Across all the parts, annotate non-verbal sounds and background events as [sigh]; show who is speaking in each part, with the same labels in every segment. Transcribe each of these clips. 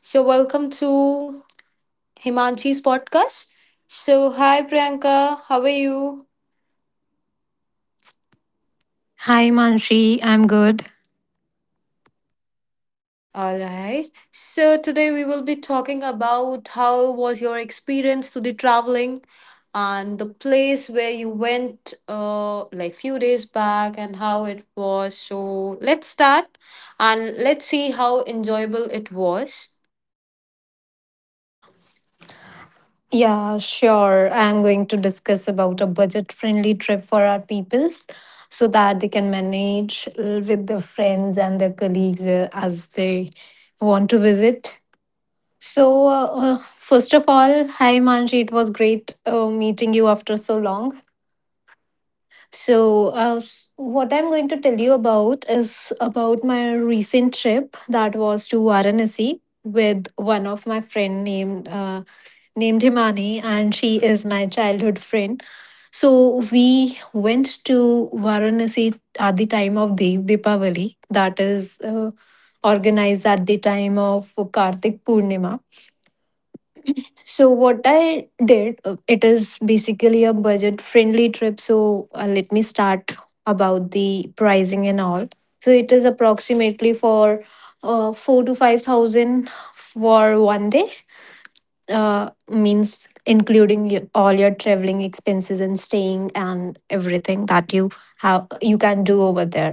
Speaker 1: So, welcome to Himanshi's podcast. So, hi Priyanka, how are you?
Speaker 2: Hi Manshi, I'm good.
Speaker 1: All right. So, today we will be talking about how was your experience to the traveling and the place where you went like few days back and how it was. So, let's start and let's see how enjoyable it was.
Speaker 2: Yeah, sure. I'm going to discuss about a budget-friendly trip for our peoples so that they can manage with their friends and their colleagues as they want to visit. First of all, hi Manshi, it was great meeting you after so long. What I'm going to tell you about is about my recent trip that was to Varanasi with one of my friend named Himani, and she is my childhood friend. So we went to Varanasi at the time of Dev Deepavali, that is organized at the time of Kartik Purnima. So what I did, it is basically a budget-friendly trip. So let me start about the pricing and all. So it is approximately for 4 to 5 thousand for one day means including your, all your traveling expenses and staying and everything that you have you can do over there.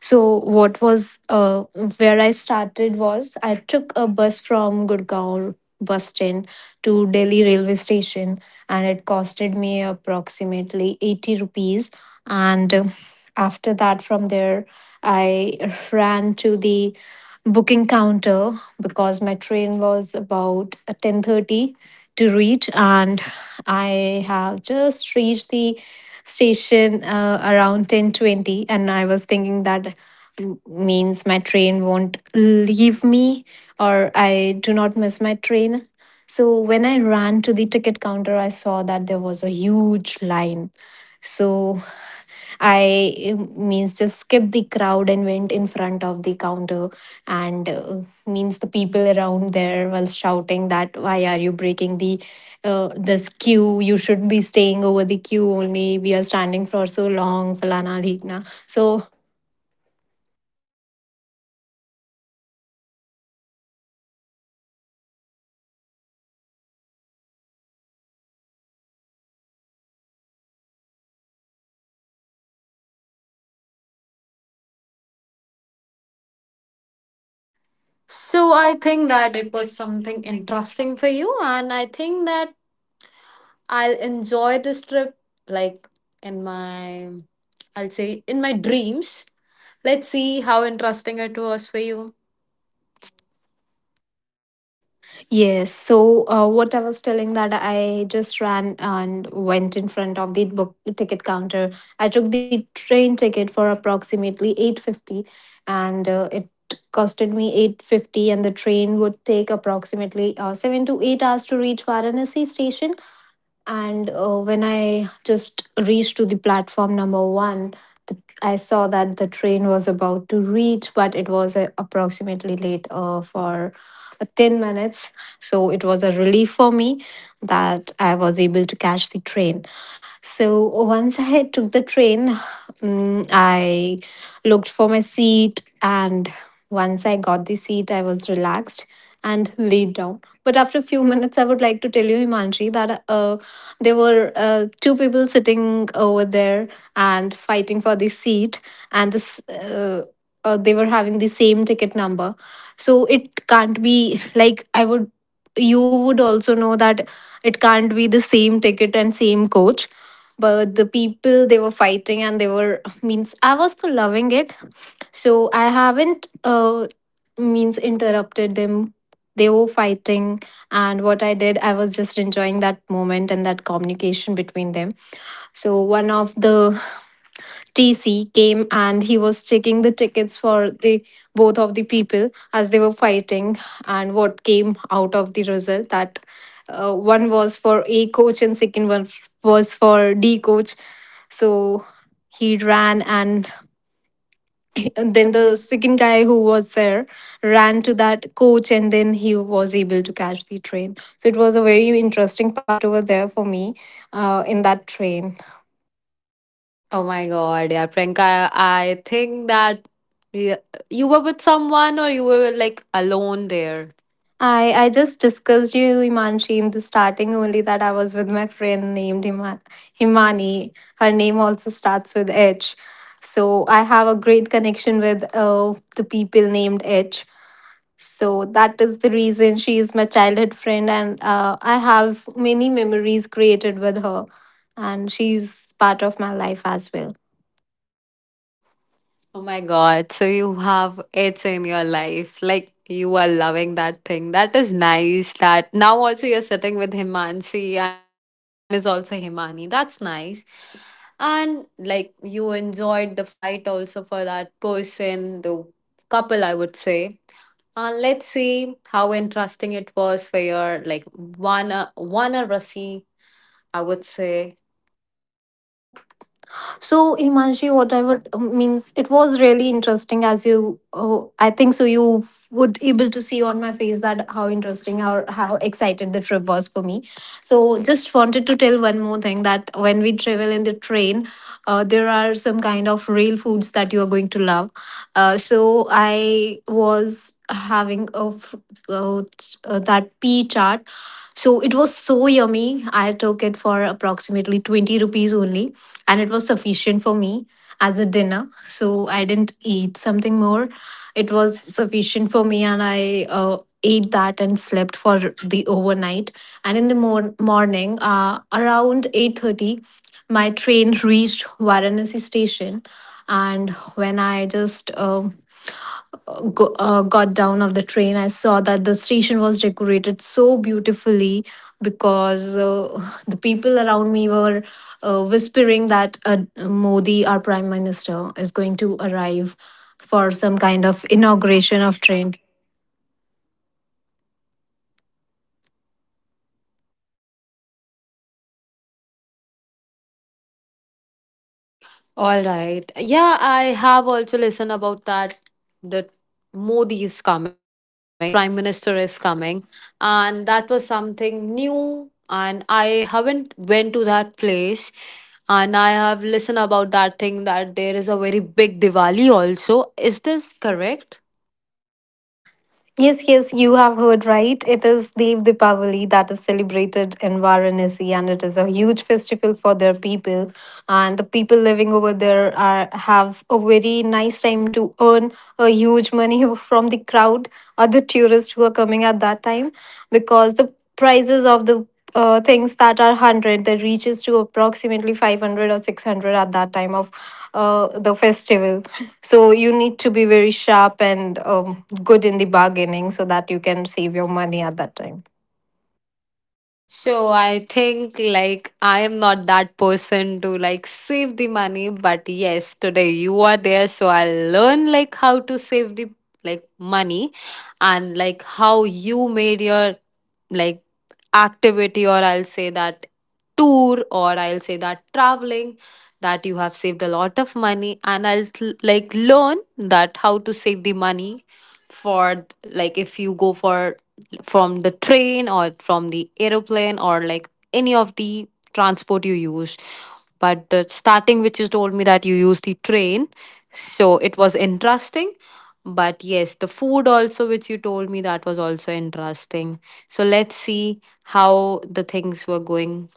Speaker 2: So what was where I started was I took a bus from Gurgaon bus stand to Delhi railway station, and it costed me approximately 80 rupees. And after that, from there I ran to the booking counter because my train was about 10:30 to reach, and I have just reached the station around 10:20 and I was thinking that means my train won't leave me, or I do not miss my train. So when I ran to the ticket counter, I saw that there was a huge line. So I means just skipped the crowd and went in front of the counter, and means the people around there was shouting that, why are you breaking the this queue? You should be staying over the queue only. We are standing for so long, falana dhikna. So
Speaker 1: So I think that it was something interesting for you, and I think that I'll enjoy this trip like in my, I'll say in my dreams. Let's see how interesting it was for you.
Speaker 2: yes. So, what I was telling that I just ran and went in front of the book ticket counter. I took the train ticket for approximately 850, and it costed me 850. And the train would take approximately 7 to 8 hours to reach Varanasi station. And when I just reached to the platform number one, I saw that the train was about to reach, but it was approximately late for 10 minutes. So it was a relief for me that I was able to catch the train. So once I took the train, I looked for my seat, and once I got the seat, I was relaxed and laid down. But after a few minutes, I would like to tell you, Himanshi, that there were two people sitting over there and fighting for the seat, and this they were having the same ticket number. So it can't be like I would. You would also know that it can't be the same ticket and same coach. But the people, they were fighting and they were, means I was so loving it. So I haven't means interrupted them. They were fighting, and what I did, I was just enjoying that moment and that communication between them. So one of the TC came and he was checking the tickets for the both of the people as they were fighting, and what came out of the result that one was for A coach and second one was for D coach. So he ran and [laughs] and then the second guy who was there ran to that coach, and then he was able to catch the train. So it was a very interesting part over there for me in that train.
Speaker 1: Oh my god, yeah, Priyanka, I think that you you were with someone or you were like alone there.
Speaker 2: I just discussed you, Imanshi, in the starting only, that I was with my friend named Himani. Her name also starts with H, so I have a great connection with the people named H. So that is the reason she is my childhood friend, and I have many memories created with her, and she's part of my life as well.
Speaker 1: Oh my god, so you have it in your life. Like you are loving that thing. That is nice that now also you're sitting with Himanshi and your friend name is also Himani. That's nice. And like you enjoyed the fight also for that person, the couple I would say. And let's see how interesting it was for your like one one rasi, I would say.
Speaker 2: Oh, so, Imanshi, what I would, means it was really interesting as you, oh, I think so. You would able to see on my face that how interesting, how excited the trip was for me. So, just wanted to tell one more thing that when we travel in the train, there are some kind of real foods that you are going to love. So, I was having that pea chart. So it was so yummy. I took it for approximately 20 rupees only, and it was sufficient for me as a dinner, so I didn't eat something more. It was sufficient for me, and I ate that and slept for the overnight. And in the morning around 8:30 my train reached Varanasi station. And when I just got down of the train, I saw that the station was decorated so beautifully because [sighs] the people around me were whispering that Modi, our prime minister, is going to arrive for some kind of inauguration of train.
Speaker 1: All right. Yeah, I have also listened about that, that Modi is coming, our prime minister is coming, and that was something new and I haven't went to that place and I have listened about that thing that there is a very big Diwali also. Is this correct?
Speaker 2: Yes, yes, you have heard right. It is Dev Deepavali that is celebrated in Varanasi, and it is a huge festival for their people. And the people living over there are have a very nice time to earn a huge money [laughs] from the crowd, other tourists who are coming at that time, because the prices of the things that are 100 that reaches to approximately 500 or 600 at that time of the festival. So you need to be very sharp and good in the bargaining so that you can save your money at that time.
Speaker 1: So I think like I am not that person to like save the money, but yes, today you are there, so I will learn like how to save the like money, and like how you made your like activity, or I'll say that tour, or I'll say that traveling, that you have saved a lot of money and I'll like learn that how to save the money for like if you go for from the train or from the aeroplane or like any of the transport you use. But the starting, which you told me that you use the train, so it was interesting. But yes, the food also, which you told me, that was also interesting. So let's see how the things were going.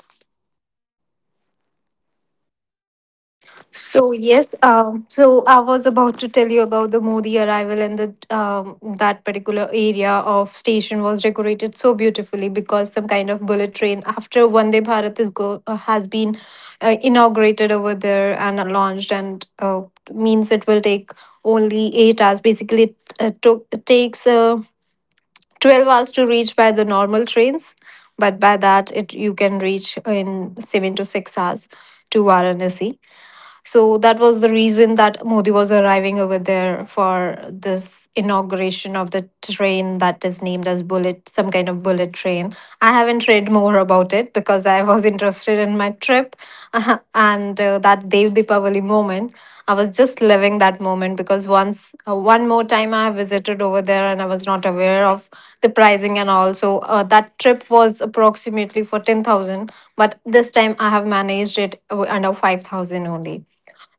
Speaker 2: So yes, so I was about to tell you about the Modi arrival and the that particular area of station was decorated so beautifully because some kind of bullet train after Vande Bharat is go has been inaugurated over there and launched, and means it will take only 8 hours. Basically, it took it takes. 12 hours to reach by the normal trains, but by that it you can reach in 7 to 6 hours to Varanasi. So that was the reason that Modi was arriving over there for this inauguration of the train that is named as bullet, some kind of bullet train. I haven't read more about it because I was [laughs] interested in my trip [laughs] and that Dev Deepavali moment. I was just living that moment because once, one more time I visited over there, and I was not aware of the pricing and all. So that trip was approximately for 10,000, but this time I have managed it under 5,000 only.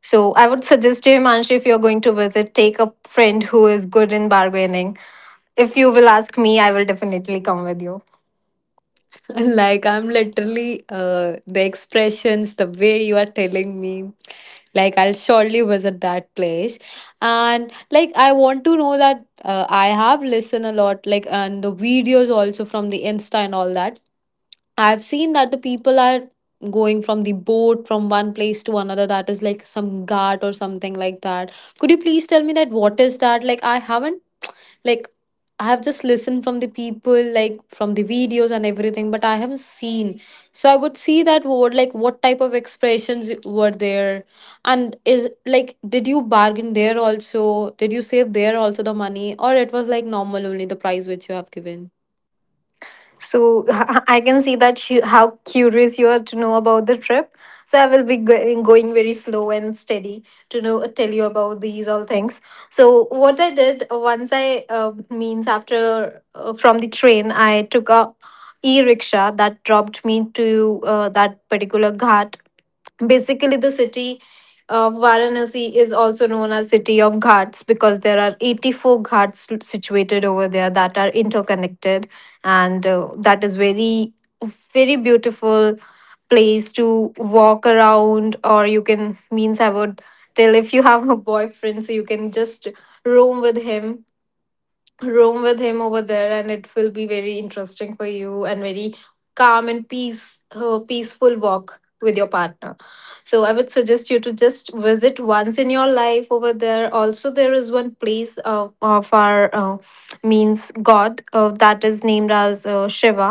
Speaker 2: So I would suggest you, Himanshu, if you're going to visit, take a friend who is good in bargaining. If you will ask me, I will definitely come with you.
Speaker 1: [laughs] Like I'm literally the expressions, the way you are telling me, like I'll surely visit that place. And like I want to know that I have listened a lot, like, and the videos also from the Insta and all that. I've seen that the people are going from the boat from one place to another. That is like some ghat or something like that. Could you please tell me that what is that? Like I haven't, like, I have just listened from the people, like from the videos and everything, but I haven't seen. So I would see that word, like what type of expressions were there, and is like did you bargain there also? Did you save there also the money, or it was like normal only the price which you have given?
Speaker 2: So [laughs] I can see that you, how curious you are to know about the trip. So I will be going very slow and steady to know tell you about these all things. So what I did once I means after from the train I took a e rickshaw that dropped me to that particular ghat. Basically, the city of Varanasi is also known as city of ghats because there are 84 ghats situated over there that are interconnected, and that is very very beautiful place to walk around, or you can, means I would tell, if you have a boyfriend, so you can just roam with him, room with him over there, and it will be very interesting for you and very calm and peace peaceful walk with your partner. So I would suggest you to just visit once in your life over there. Also, there is one place of our means god, that is named as Shiva.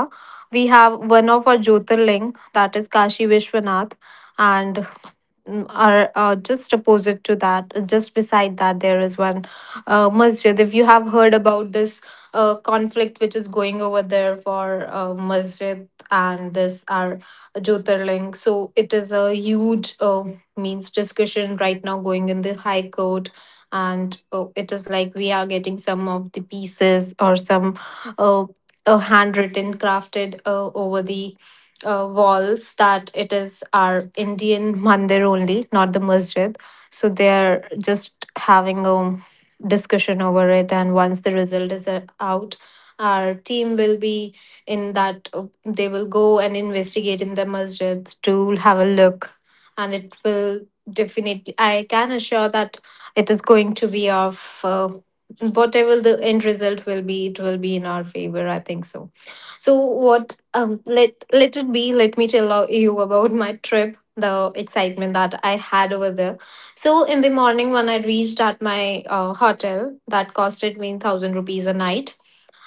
Speaker 2: We have one of our jyotirling that is Kashi Vishwanath, and mm, are just opposite to that, just beside that, there is one masjid. If you have heard about this conflict which is going over there for masjid and this our Jyotirling, so it is a huge means discussion right now going in the high court. And it is like we are getting some of the pieces or some uh, handwritten, crafted over the walls that it is our Indian mandir only, not the masjid. So they are just having a discussion over it, and once the result is out, our team will be in that, they will go and investigate in the masjid to have a look, and it will definitely, I can assure that it is going to be of whatever the end result will be, it will be in our favor, I think so. So what let it be, let me tell you about my trip, the excitement that I had over there. So in the morning when I reached at my hotel that costed me 1,000 rupees a night,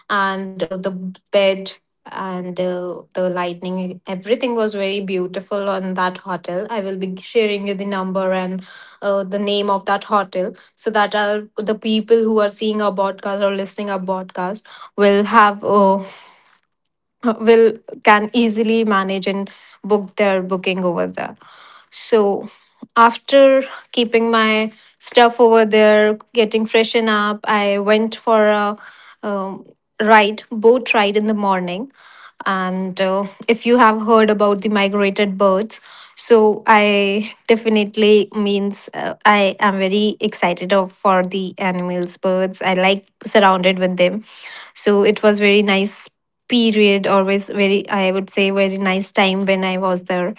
Speaker 2: and the bed and the lighting, everything was very beautiful on that hotel. I will be sharing you the number and the name of that hotel, so that the people who are seeing our podcast or listening our podcast will have a will can easily manage and book their booking over there. So after keeping my stuff over there, getting freshen up, I went for a um, ride boat ride in the morning. And if you have heard about the migrated birds, so I definitely means I am very excited of for the animals, birds. I like surrounded with them. So it was very nice period. Always very, I would say, very nice time when I was there.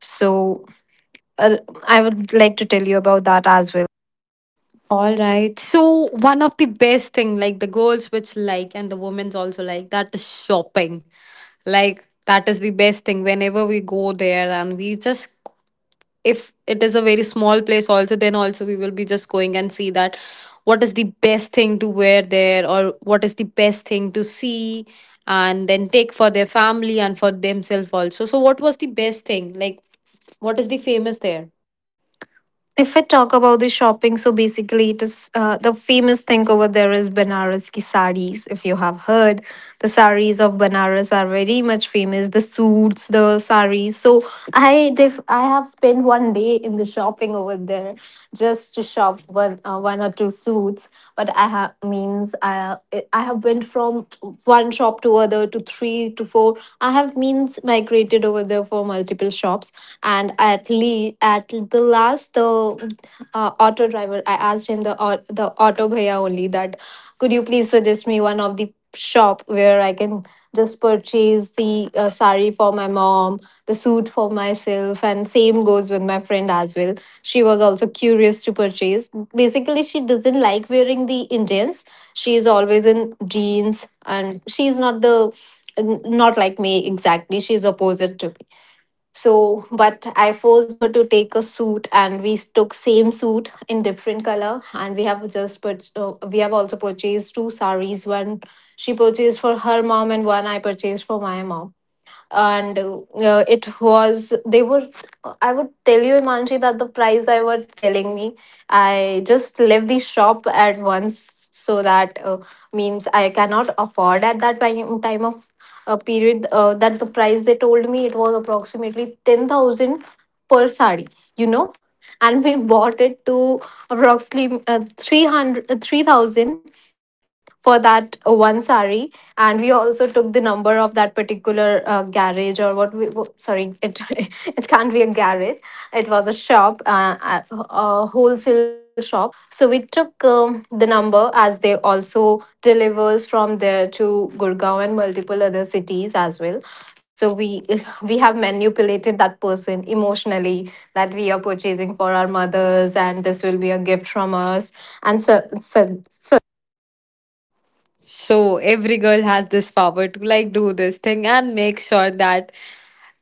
Speaker 2: So uh, I would like to tell you about that as well.
Speaker 1: All right. So one of the best thing, like the girls which like and the women's also like, that is shopping. Like that is the best thing. Whenever we go there and we just, if it is a very small place also, then also we will be just going and see that what is the best thing to wear there or what is the best thing to see and then take for their family and for themselves also. So what was the best thing, like what is the famous there?
Speaker 2: If I talk about the shopping, so basically it is the famous thing over there is Banaras ki saris. If you have heard, the saris of Banaras are very much famous. The suits, the saris. So I have spent one day in the shopping over there, just to shop one or two suits, but I have means I have went from one shop to other to three to four. I have means migrated over there for multiple shops, and at least at the last, the auto driver, I asked him, the auto bhaiya only, that could you please suggest me one of the shop where I can just purchase the sari for my mom, the suit for myself, and same goes with my friend as well. She was also curious to purchase. Basically, she doesn't like wearing the Indians. She is always in jeans, and she's not the, not like me exactly. She's opposite to me. So, but I forced her to take a suit, and we took same suit in different color. And we have also purchased two saris. One she purchased for her mom, and one I purchased for my mom. And it was they were, I would tell you, Imanji, that the price they were telling me, I just left the shop at once, so that means I cannot afford at that time, of period, that the price they told me, it was approximately 10,000 per sari, you know. And we bought it to approximately 3,000 for that one sari. And we also took the number of that particular garage, or what sorry, it [laughs] it can't be a garage. It was a shop, a wholesale shop. So we took the number, as they also delivers from there to Gurgaon and multiple other cities as well. So we [laughs] we have manipulated that person emotionally that we are purchasing for our mothers, and this will be a gift from us. And so, so, so
Speaker 1: So every girl has this power to like do this thing and make sure that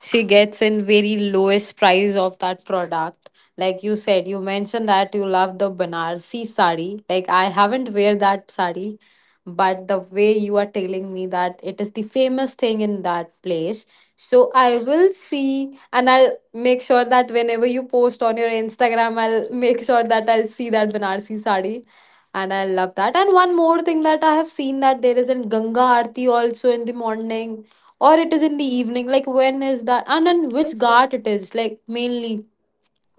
Speaker 1: she gets in very lowest price of that product. Like you said, you mentioned that you love the Banarsi sari. Like I haven't wear that sari, but the way you are telling me that it is the famous thing in that place. So I will see and I'll make sure that whenever you post on your Instagram, I'll [laughs] make sure that I'll see that Banarsi sari, and I love that. And one more thing, that I have seen that there is in Ganga Aarti also in the morning, or it is in the evening. Like when is that and in which ghat it is, like mainly,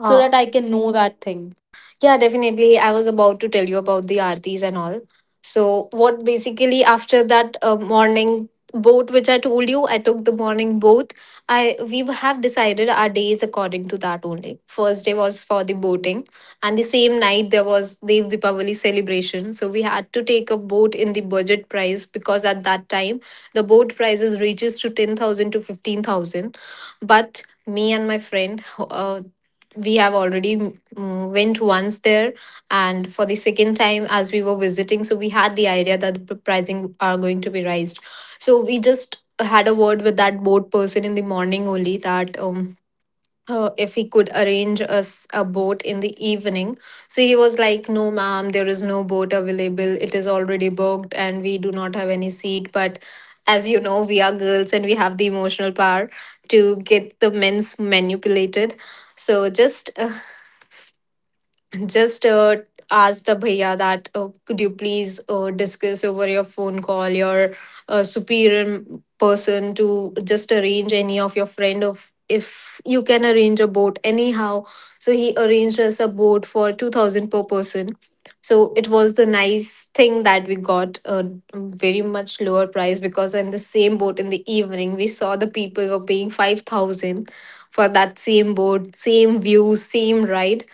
Speaker 1: so that I can know that thing.
Speaker 2: Yeah, definitely. I was about to tell you about the aartis and all. So, what basically, after that morning boat, which I told you, I took the morning boat. I we have decided our days according to that only. First day was for the boating, and the same night there was Dev Deepavali celebration. So we had to take a boat in the budget price, because at that time the boat prices reaches to 10,000 to 15,000. But me and my friend, we have already went once there. And for the second time as we were visiting, so we had the idea that the pricing are going to be raised. So we just had a word with that boat person in the morning only, that if he could arrange us a boat in the evening. So he was like, no ma'am, there is no boat available, it is already booked and we do not have any seat. But as you know, we are girls and we have the emotional power to get the men's manipulated. So just ask the bhaiya that could you please discuss over your phone, call your superior person to just arrange any of your friend, of if you can arrange a boat anyhow. So he arranged us a boat for 2,000 per person. So it was the nice thing, that we got a very much lower price, because in the same boat in the evening we saw the people were paying 5,000 for that same boat, same view, same ride.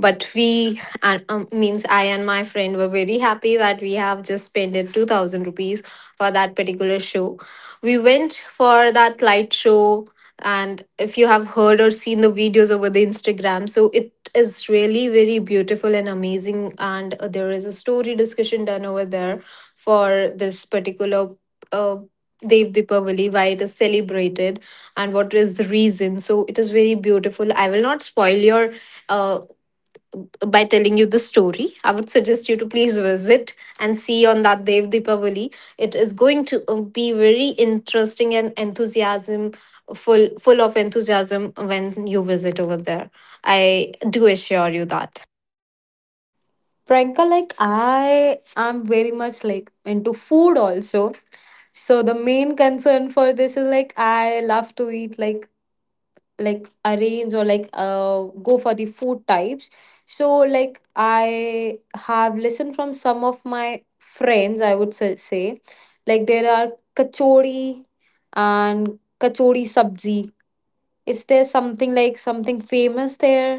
Speaker 2: But we, and means I and my friend were very happy that we have just spent 2,000 rupees for that particular show. We went for that light show, and if you have heard or seen the videos over the Instagram, so it is really very beautiful and amazing. And there is a story discussion done over there for this particular uh, Dev Deepavali, why it is celebrated and what is the reason. So it is very beautiful. I will not spoil your uh, by telling you the story. I would suggest you to please visit and see on that Dev Deepavali. It is going to be very interesting and enthusiasm full full of enthusiasm when you visit over there. I do assure you that.
Speaker 1: Pranka, like I am very much like into food also. So the main concern for this is, like, I love to eat like arrange or like go for the food types. So like I have listened from some of my friends, I would say, like there are kachori and kachori sabzi. Is there something like something famous there?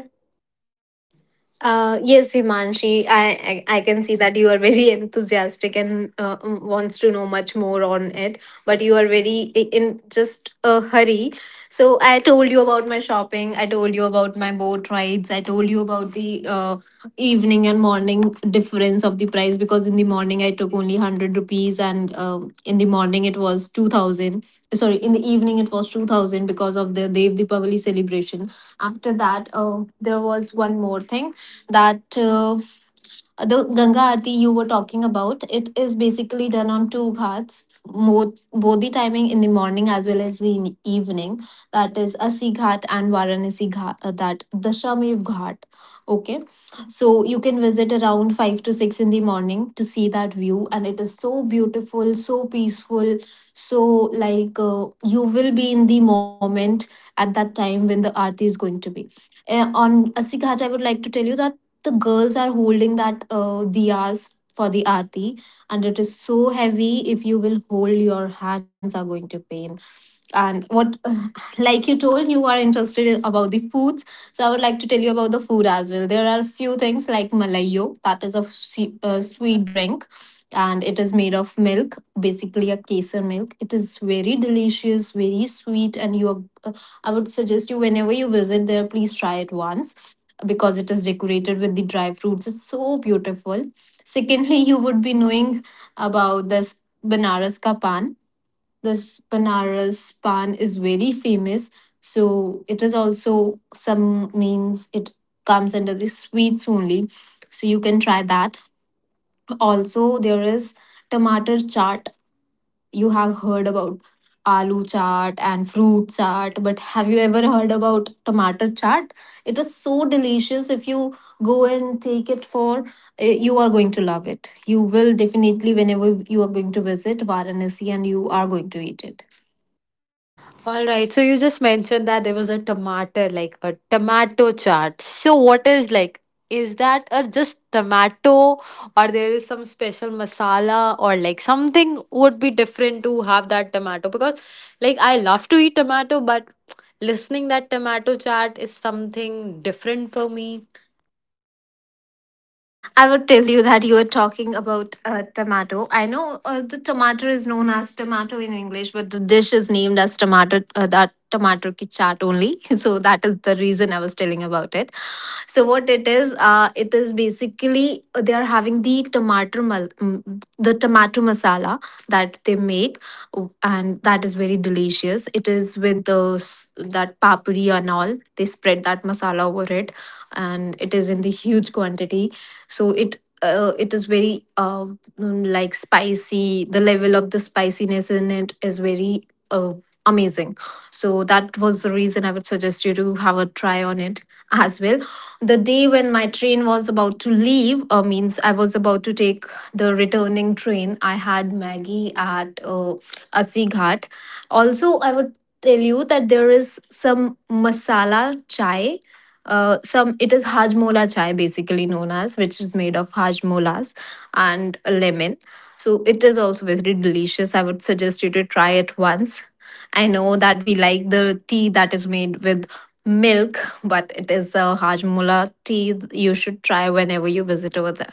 Speaker 2: Yes, Himanshi, I can see that you are very [laughs] enthusiastic and wants to know much more on it, but you are very in just a hurry. So I told you about my shopping. I told you about my boat rides. I told you about the evening and morning difference of the price, because in the morning I took only 100 rupees, and in the morning it was 2,000. Sorry, in the evening it was 2,000 because of the Dev Deepavali celebration. After that, there was one more thing, that the Ganga Aarti you were talking about, it is basically done on two ghats, both the timing in the morning as well as evening. That is Asi Ghat and Varanasi Ghat, that Dashamev Ghat. Okay, so you can visit around 5 to 6 in the morning to see that view, and it is so beautiful, so peaceful. So, like, you will be in the moment at that time when the Aarti is going to be. On Asighat, I would like to tell you that the girls are holding that diyas for the aarti, and it is so heavy. If you will hold, your hands are going to pain. And what [sighs] like you told, you are interested in, about the foods. So I would like to tell you about the food as well. There are a few things like malayo, that is a sweet drink, and it is made of milk, basically a kesar milk. It is very delicious, very sweet. And I would suggest you, whenever you visit there, please try it once, because it is decorated with the dry fruits. It's so beautiful. Secondly, you would be knowing about this Banaras ka pan. This Banaras pan is very famous. So it is also some means it comes under the sweets only. So you can try that. Also, there is tomato chaat. You have heard about aloo chaat and fruit chaat, but have you ever heard about tomato chaat? It is so delicious. If you go and take it for, you are going to love it. You will definitely, whenever you are going to visit Varanasi, and you are going to eat it.
Speaker 1: All right. So you just mentioned that there was a tomato, like a tomato chart. So what is like? Is that a just tomato, or there is some special masala, or like something would be different to have that tomato? Because like I love to eat tomato, but listening that tomato chart is something different for me.
Speaker 2: I would tell you that you were talking about tomato. I know the tomato is known as tomato in English, but the dish is named as tomato. That tomato ki chaat only. [laughs] So that is the reason I was telling about it. So what it is basically they are having the the tomato masala that they make, oh, and that is very delicious. It is with those that papri and all. They spread that masala over it, and it is in the huge quantity. So it. It is very like spicy. The level of the spiciness in it is very amazing. So that was the reason I would suggest you to have a try on it [laughs] as well. The day when my train was about to leave, means I was about to take the returning train, I had maggie at Assi Ghat. Also, I would tell you that there is some masala chai, some, it is hajmola chai basically known as, which is made of hajmolas and a lemon. So it is also very delicious. I would suggest you to try it once. I know that we like the tea that is made with milk, but it is a Hajmola tea, you should try whenever you visit over there.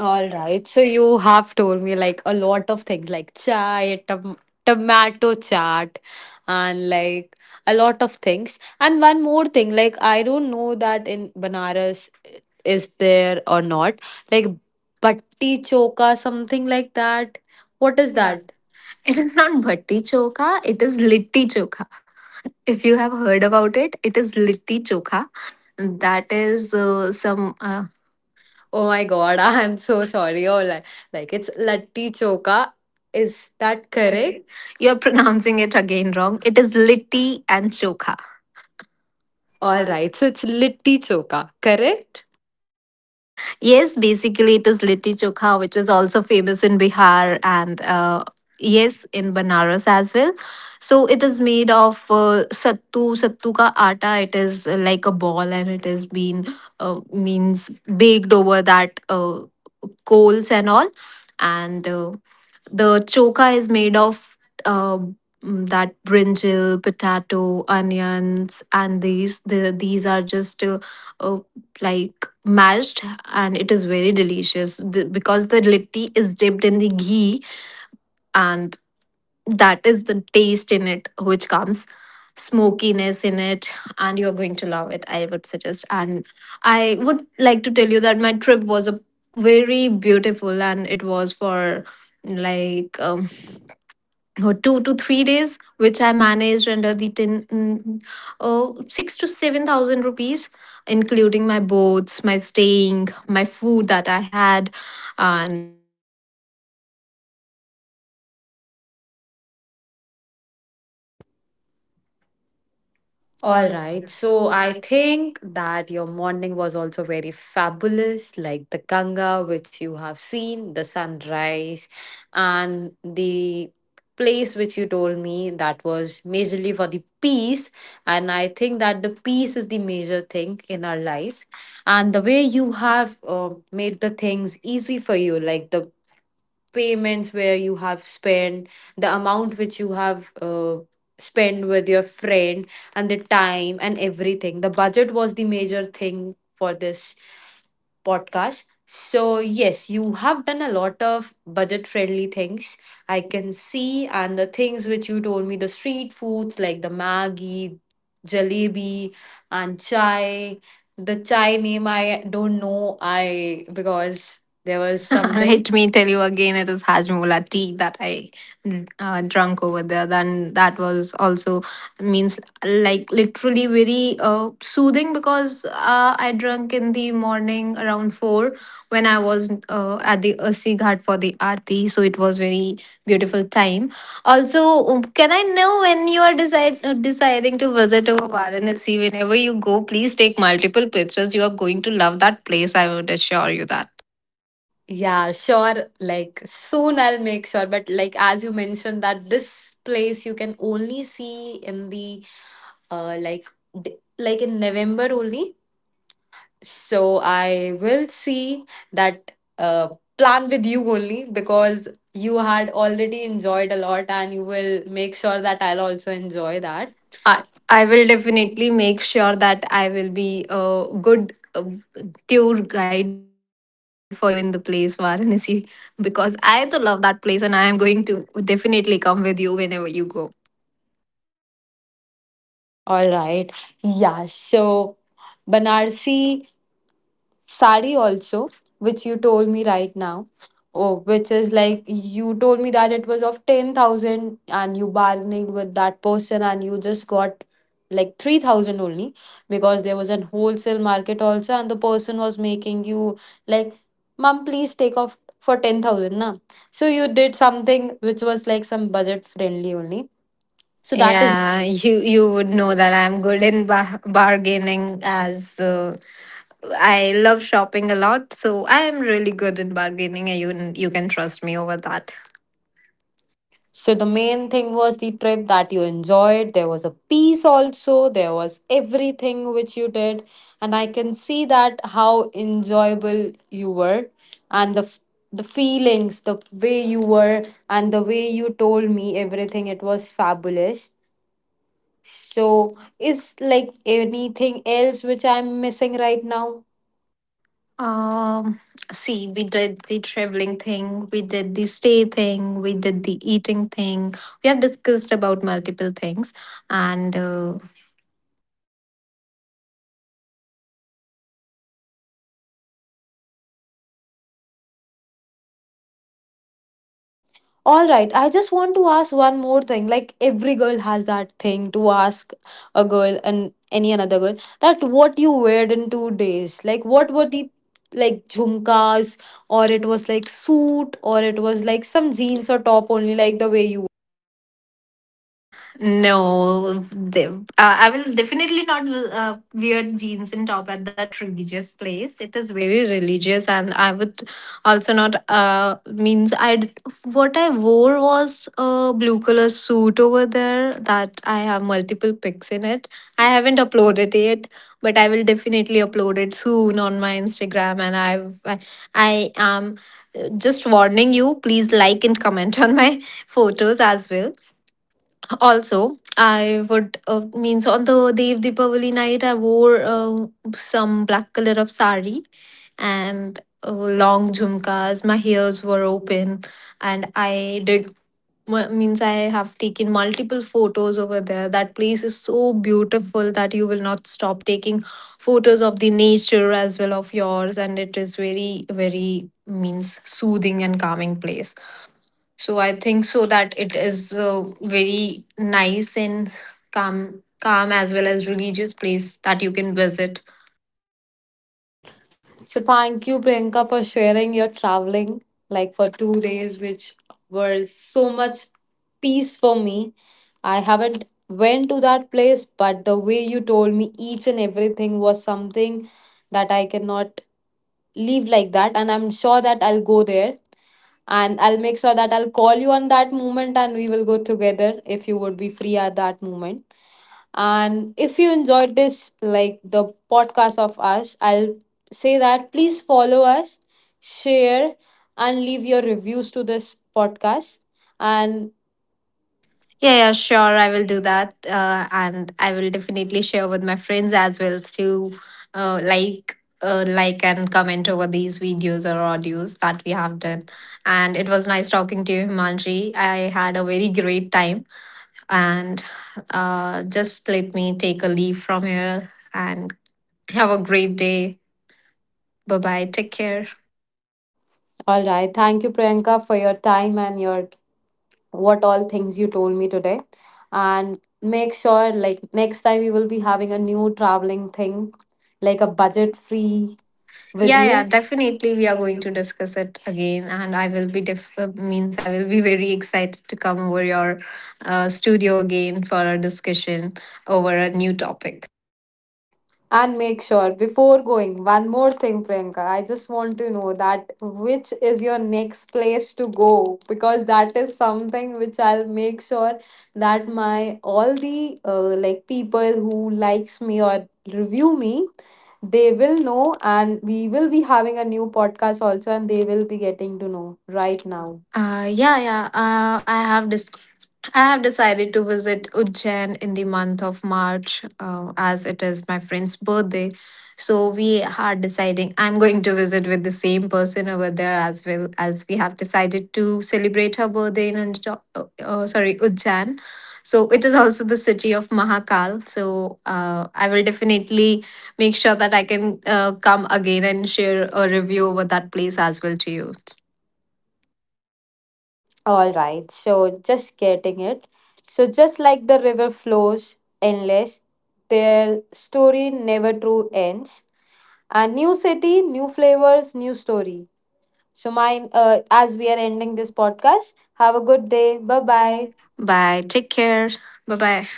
Speaker 1: All right. So you have told me like a lot of things, like chai, tomato chaat, and like a lot of things. And one more thing, like I don't know that in Banaras is there or not. Like batti choka, something like that. What is that?
Speaker 2: It is not bhatti chokha, it is litti chokha. If you have heard about it, it is litti chokha. That is
Speaker 1: Oh my god, [laughs] I am so sorry. Oh, like it's latti choka. Is that correct?
Speaker 2: you're [laughs] pronouncing it again wrong. It is litti and chokha.
Speaker 1: All right. So it's litti choka, correct?
Speaker 2: Yes, basically it is litti chokha, which is also famous in Bihar and yes, in Banaras as well. So it is made of sattu, sattu ka atta. It is like a ball, and it has been uh, means baked over that coals and all. And the choka is made of uh, that brinjal, potato, onions, and these are just uh, like mashed, and it is very delicious. Because the litti is dipped in the ghee, and that is the taste in it which comes, smokiness in it, and you're going to love it, I would suggest. And I would like to tell you that my trip was a very beautiful, and it was for like or 2 to 3 days, which I managed under the 6 to 7 thousand rupees, including my boats, my staying, my food that I had, and
Speaker 1: All right. So I think that your morning was also very fabulous, like the Ganga, which you have seen, the sunrise, and the place which you told me that was majorly for the peace. And I think that the peace is the major thing in our life. And the way you have made the things easy for you, like the payments where you have spent the amount which you have spent with your friend, and the time and everything, the budget was the major thing for this podcast. So yes, you have done a lot of budget friendly things, I can see, and the things which you told me, the street foods like the maggi, jalebi, and chai. The chai name I don't know, I, because
Speaker 2: [laughs]
Speaker 1: there was something.
Speaker 2: let me tell you again, it is Hajmola tea that I drunk over there. Then that was also, means, like literally very soothing, because I drank in the morning around 4 when I was at the Ursi Ghat for the Aarti. So it was very beautiful time. Also, can I know when you are deciding to visit over Varanasi? Whenever you go, please take multiple pictures. You are going to love that place. I would assure you that.
Speaker 1: Yeah, sure. Like soon I'll make sure. But like as you mentioned that this place you can only see in the like, like in November only. So I will see that uh plan with you only because you had already enjoyed a lot and you will make sure that I'll also enjoy that.
Speaker 2: I will definitely make sure that I will be a good tour guide for you in the place Varanasi [laughs] because I too love that place and I am going to definitely come with you whenever you go.
Speaker 1: All right. Yeah, so Banarsi sari also, which you told me right now. Oh, which is like you told me that it was of 10,000 and you bargained with that person and you just got like 3,000 only, because there was an wholesale market also, and the person was making you like, Mom, please take off for 10,000 na. So you did something which was like some budget friendly only. So that is.
Speaker 2: Yeah, you would know that I'm good in bargaining, as I love shopping a lot, so I am really good in bargaining and you can trust me over that.
Speaker 1: So the main thing was the trip that you enjoyed. There was a peace also. There was everything which you did, and I can see that how enjoyable you were, and the the feelings, the way you were, and the way you told me everything. It was fabulous. So is like anything else which I'm missing right now?
Speaker 2: Um, See, we did the traveling thing, we did the stay thing, we did the eating thing. We have discussed about multiple things, and
Speaker 1: All right, I just want to ask one more thing. Like every girl has that thing to ask a girl and any another girl that what you wear in 2 days. Like what were the like jhumkas, or it was like suit, or it was like some jeans or top only, like the way you.
Speaker 2: no, they, I will definitely not wear jeans and top at that religious place. It is very religious, and I would also not. Means I What I wore was a blue color suit over there, that I have multiple pics in it. I haven't uploaded it, but I will definitely upload it soon on my Instagram. And I, I am just warning you. Please like and comment on my [laughs] photos as well. Also, I would, means on the Dev Deepavali night, I wore some black color of sari and long jhumkas. My ears were open, and I did mu- means I have taken multiple photos over there. That place is so beautiful that you will not stop taking photos of the nature as well of yours, and it is very very, means, soothing and calming place. So I think so that it is a very nice and calm as well as religious place that you can visit.
Speaker 1: So thank you, Priyanka, for sharing your traveling like for 2 days, which were so much peace for me. I haven't went to that place, but the way you told me each and everything was something that I cannot leave like that. And I'm sure that I'll go there and I'll make sure that I'll call you on that moment and we will go together if you would be free at that moment. And if you enjoyed this, like the podcast of us, I'll say that please follow us, share, and leave your reviews to this podcast. And
Speaker 2: Yeah, yeah, sure. I will do that, and I will definitely share with my friends as well to like and comment over these videos or audios that we have done. And it was nice talking to you, Himanshi. I had a very great time, and just let me take a leave from here and have a great day. Bye bye. Take care.
Speaker 1: all right, thank you, Priyanka, for your time and your what all things you told me today. And make sure, like, next time we will be having a new traveling thing, like a budget free
Speaker 2: Very
Speaker 1: with
Speaker 2: Yeah, yeah,
Speaker 1: you.
Speaker 2: much. Definitely. We are going to discuss it again, and I will be def- means I will be very excited to come over your studio again for a discussion over a new topic.
Speaker 1: And make sure before going, one more thing, Priyanka. I just want to know that which is your next place to go, because that is something which I'll make sure that my all the like people who likes me or review me, they will know, and we will be having a new podcast also, and they will be getting to know right now.
Speaker 2: Uh, yeah, yeah. Uh, I have dis- I have decided to visit Ujjain in the month of March, as it is my friend's birthday. So we are deciding. I'm going to visit with the same person over there, as well as we have decided to celebrate her birthday in sorry, Ujjain. So it is also the city of Mahakal. So I will definitely make sure that I can come again and share a review over that place as well to you.
Speaker 1: All right, so just getting it. So, just like the river flows endless, their story never true ends. A new city, new flavors, new story. So, mine, as we are ending this podcast, have a good day. Bye bye.
Speaker 2: Bye. Take care. Bye bye.